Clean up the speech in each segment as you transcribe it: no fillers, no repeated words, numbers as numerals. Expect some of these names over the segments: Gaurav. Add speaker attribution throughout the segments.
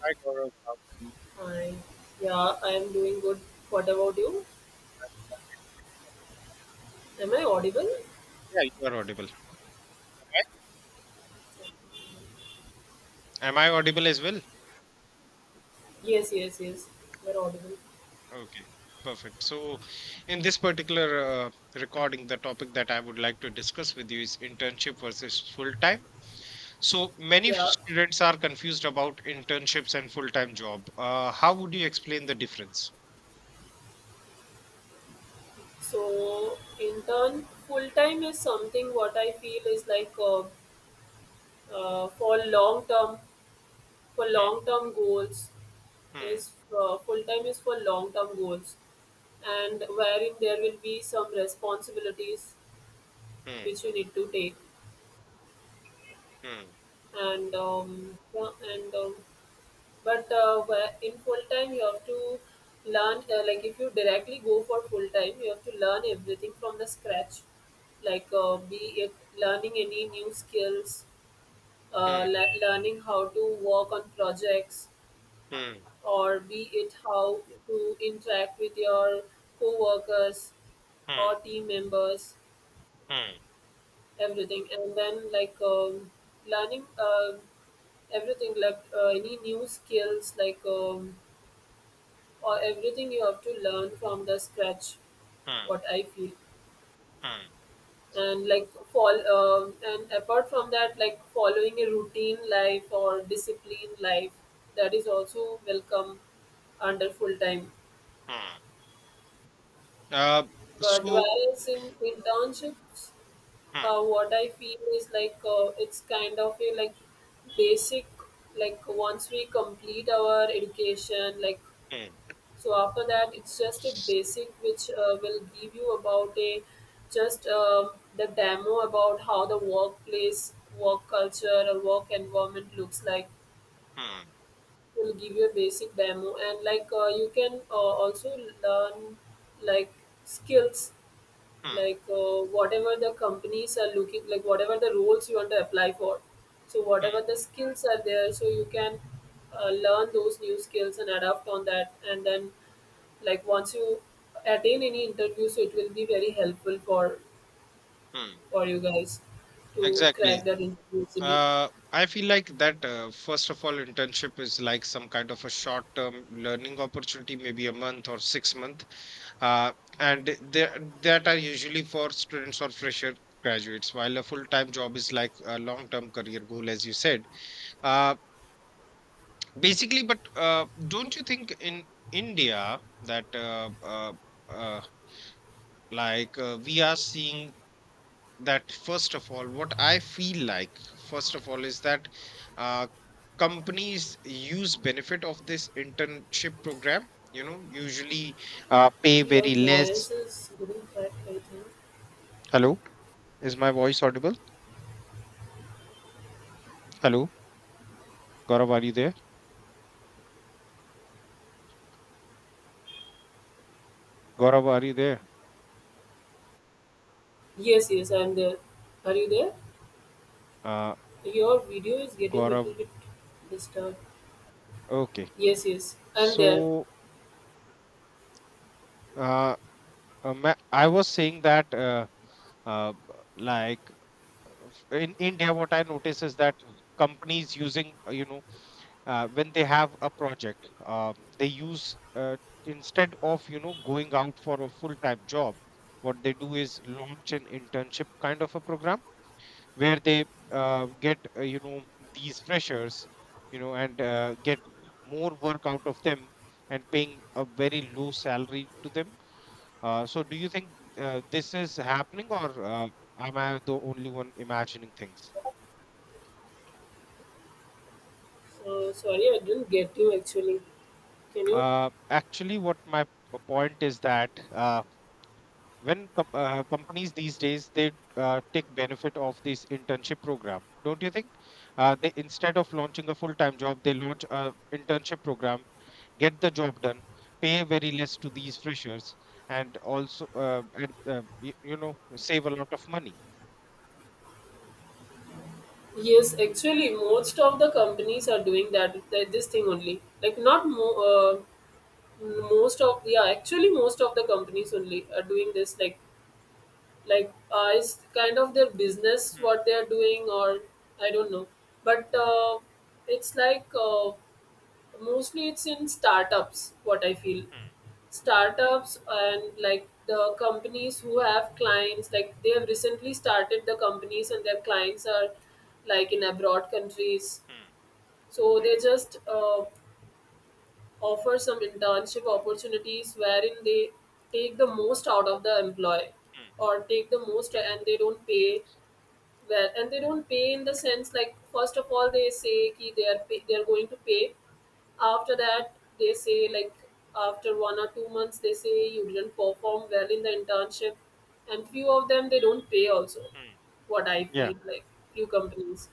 Speaker 1: Hi, Gaurav. How are you?
Speaker 2: Hi. Yeah, I am doing good. What about you?
Speaker 1: Doing great as well for asking.
Speaker 2: Am I audible?
Speaker 1: Yeah, you are audible. Am I audible as well?
Speaker 2: Yes, yes, yes. You're audible.
Speaker 1: Okay, perfect. So, in this particular recording, the topic that I would like to discuss with you is internship versus full time. So, many
Speaker 2: Yeah.
Speaker 1: students are confused about internships and full time job. How would you explain the difference?
Speaker 2: So, in turn, full time is something what I feel is like for for long term goals
Speaker 1: Hmm,
Speaker 2: is full time is for long term goals, and wherein there will be some responsibilities
Speaker 1: hmm,
Speaker 2: which you need to take,
Speaker 1: hmm,
Speaker 2: and yeah, and but in full time you have to learn like if you directly go for full time you have to learn everything from the scratch, like be it learning any new skills,
Speaker 1: hmm,
Speaker 2: learning how to work on projects,
Speaker 1: hmm,
Speaker 2: or be it how to interact with your co-workers
Speaker 1: hmm,
Speaker 2: or team members,
Speaker 1: hmm,
Speaker 2: everything. And then like learning everything, like any new skills, like or everything you have to learn from the scratch,
Speaker 1: hmm,
Speaker 2: what I feel.
Speaker 1: hmm,
Speaker 2: And like fall and apart from that, like following a routine life or discipline life, that is also welcome under full time.
Speaker 1: hmm. Uh,
Speaker 2: But
Speaker 1: so,
Speaker 2: whereas in internships,
Speaker 1: hmm,
Speaker 2: what I feel is like it's kind of a like basic, like once we complete our education, like.
Speaker 1: hmm,
Speaker 2: So after that, it's just a basic which will give you about a just the demo about how the workplace, work culture, or work environment looks like.
Speaker 1: hmm,
Speaker 2: Will give you a basic demo, and like you can also learn like skills,
Speaker 1: hmm,
Speaker 2: like whatever the companies are looking, like whatever the roles you want to apply for, so whatever
Speaker 1: hmm.
Speaker 2: the skills are there, so you can learn those new skills and adapt on that. And then like once you attain any interview, so it will be very helpful for
Speaker 1: Hmm.
Speaker 2: you guys to
Speaker 1: Exactly.
Speaker 2: crack that interview easily.
Speaker 1: I feel like that, first of all, internship is like some kind of a short-term learning opportunity, maybe a month or 6 month. Uh, and they, that are usually for students or fresher graduates, while a full-time job is like a long-term career goal, as you said. Uh, basically, but don't you think in India that uh, like we are seeing that first of all what I feel like first of all is that uh, companies use benefit of this internship program, usually pay
Speaker 2: Your
Speaker 1: very less.
Speaker 2: voice is getting cracked, I think.
Speaker 1: Hello, is my voice audible? Hello, Gaurav, are you there? Gaurav, are you there?
Speaker 2: Yes, yes, I'm there. Are you there?
Speaker 1: uh,
Speaker 2: Your video is getting
Speaker 1: Gaurav.
Speaker 2: little bit disturbed.
Speaker 1: Okay.
Speaker 2: Yes, yes, I'm there.
Speaker 1: So, uh, I was saying that uh, b- like in India what I notice is that companies using when they have a project, they use, instead of going out for a full time job, what they do is launch an internship kind of a program where they get, these freshers, and get more work out of them and paying a very low salary to them. So do you think this is happening, or am I the only one imagining things?
Speaker 2: Sorry, I didn't get you actually. Can you?
Speaker 1: Actually, what my point is that when companies these days, they take benefit of this internship program, don't you think? They, instead of launching a full time job, they launch a internship program, get the job done, pay very less to these freshers, and also, save a lot of money.
Speaker 2: Yes, actually most of the companies are doing that, this thing only, like not more. Most of Yeah, actually most of the companies only are doing this, like it's kind of their business
Speaker 1: Hmm,
Speaker 2: what they are doing, or I don't know. But it's like, mostly it's in startups, what I feel.
Speaker 1: hmm,
Speaker 2: Startups and like the companies who have clients, like they have recently started the companies and their clients are like in abroad countries.
Speaker 1: hmm,
Speaker 2: So they just offer some internship opportunities wherein they take the most out of the employee,
Speaker 1: hmm,
Speaker 2: or take the most, and they don't pay well. And they don't pay in the sense, like first of all they say ki they are pay, they are going to pay. After that they say like after 1 or 2 months they say you didn't perform well in the internship, and few of them they don't pay also,
Speaker 1: hmm,
Speaker 2: what I
Speaker 1: yeah,
Speaker 2: feel like. Few companies,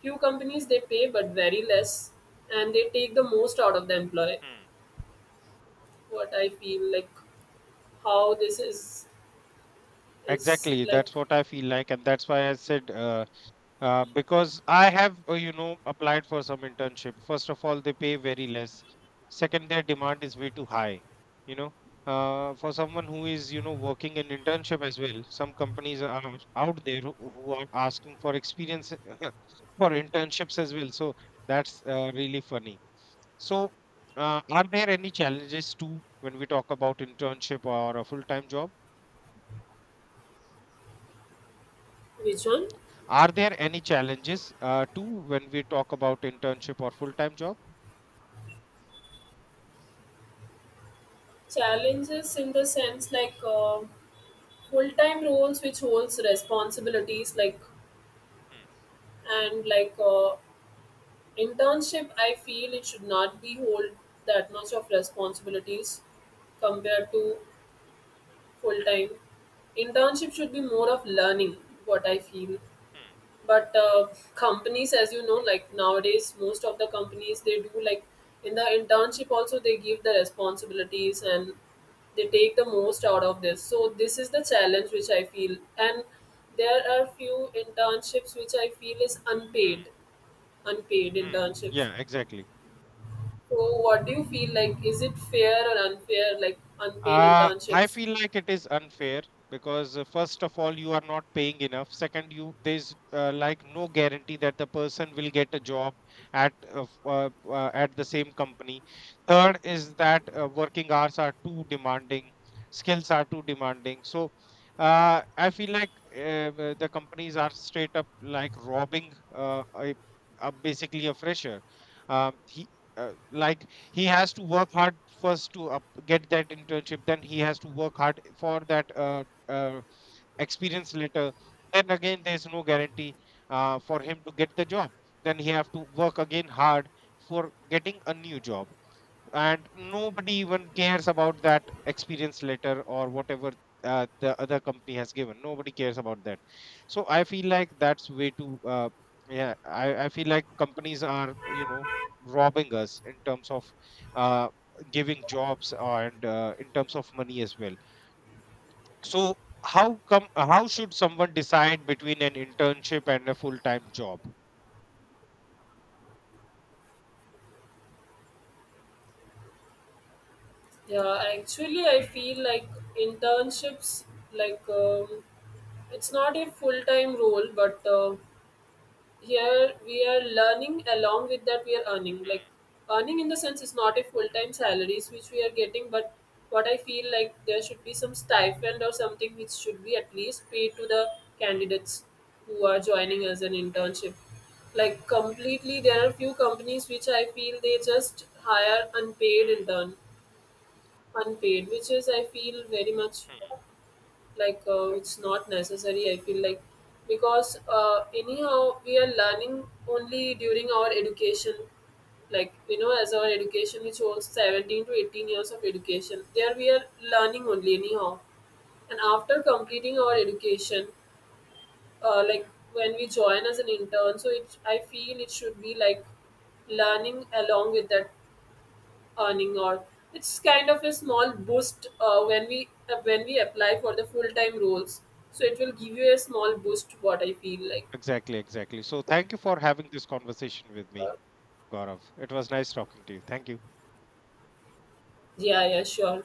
Speaker 2: they pay but very less, and they take the most out of the employee.
Speaker 1: hmm.
Speaker 2: What I feel like, how this is
Speaker 1: Exactly,
Speaker 2: like,
Speaker 1: that's what I feel like, and that's why I said, because I have, applied for some internship. First of all, they pay very less. Second, their demand is way too high. You know, for someone who is, working in internship as well, some companies are out there who are asking for experience for internships as well. So that's really funny. So, are there any challenges too when we talk about internship or a full-time job?
Speaker 2: vision.
Speaker 1: Are there any challenges too when we talk about internship or full-time job?
Speaker 2: Challenges in the sense, like full time roles which holds responsibilities, like.
Speaker 1: Hmm.
Speaker 2: And like internship I feel it should not be hold that much of responsibilities compared to full time. Internship should be more of learning, what I feel.
Speaker 1: Hmm.
Speaker 2: But companies, as you know, like nowadays most of the companies they do like in the internship also they give the responsibilities, and they take the most out of this. So this is the challenge which I feel. And there are few internships which I feel is
Speaker 1: Hmm.
Speaker 2: unpaid, unpaid
Speaker 1: Mm.
Speaker 2: internships.
Speaker 1: Yeah, exactly.
Speaker 2: So what do you feel like, is it fair or unfair, like unpaid
Speaker 1: I
Speaker 2: internships?
Speaker 1: feel like it is unfair because, first of all, you are not paying enough. Second, you there's like no guarantee that the person will get a job at at the same company. Third is that working hours are too demanding, skills are too demanding. So, I feel like the companies are straight up like robbing a basically a fresher. Um, he, like he has to work hard first to get that internship, then he has to work hard for that experience later, then again there's no guarantee for him to get the job, then he have to work again hard for getting a new job, and nobody even cares about that experience letter or whatever, the other company has given. Nobody cares about that, so I feel like that's way too, yeah. I feel like companies are, robbing us in terms of, uh, giving jobs and, in terms of money as well. So how should someone decide between an internship and a full-time job?
Speaker 2: Yeah, actually, I feel like internships, like it's not a full time role, but here we are learning, along with that we are earning. Like earning in the sense is not a full time salaries which we are getting, but what I feel like there should be some stipend or something which should be at least paid to the candidates who are joining as an internship. Like completely, there are few companies which I feel they just hire unpaid
Speaker 1: Hmm,
Speaker 2: intern, unpaid, which is I feel very much
Speaker 1: hmm.
Speaker 2: like, it's not necessary, I feel like, because anyhow we are learning only during our education. Like, you know, as our education which holds 17 to 18 years of education, there we are learning only anyhow. And after completing our education, like when we join as an intern, so it, I feel it should be like learning, along with that earning, or it's kind of a small boost when we apply for the full time roles. So it will give you a small boost, what I feel like.
Speaker 1: Exactly, exactly. So thank you for having this conversation with me, Gaurav. It was nice talking to you. Thank you.
Speaker 2: Yeah, yeah, sure.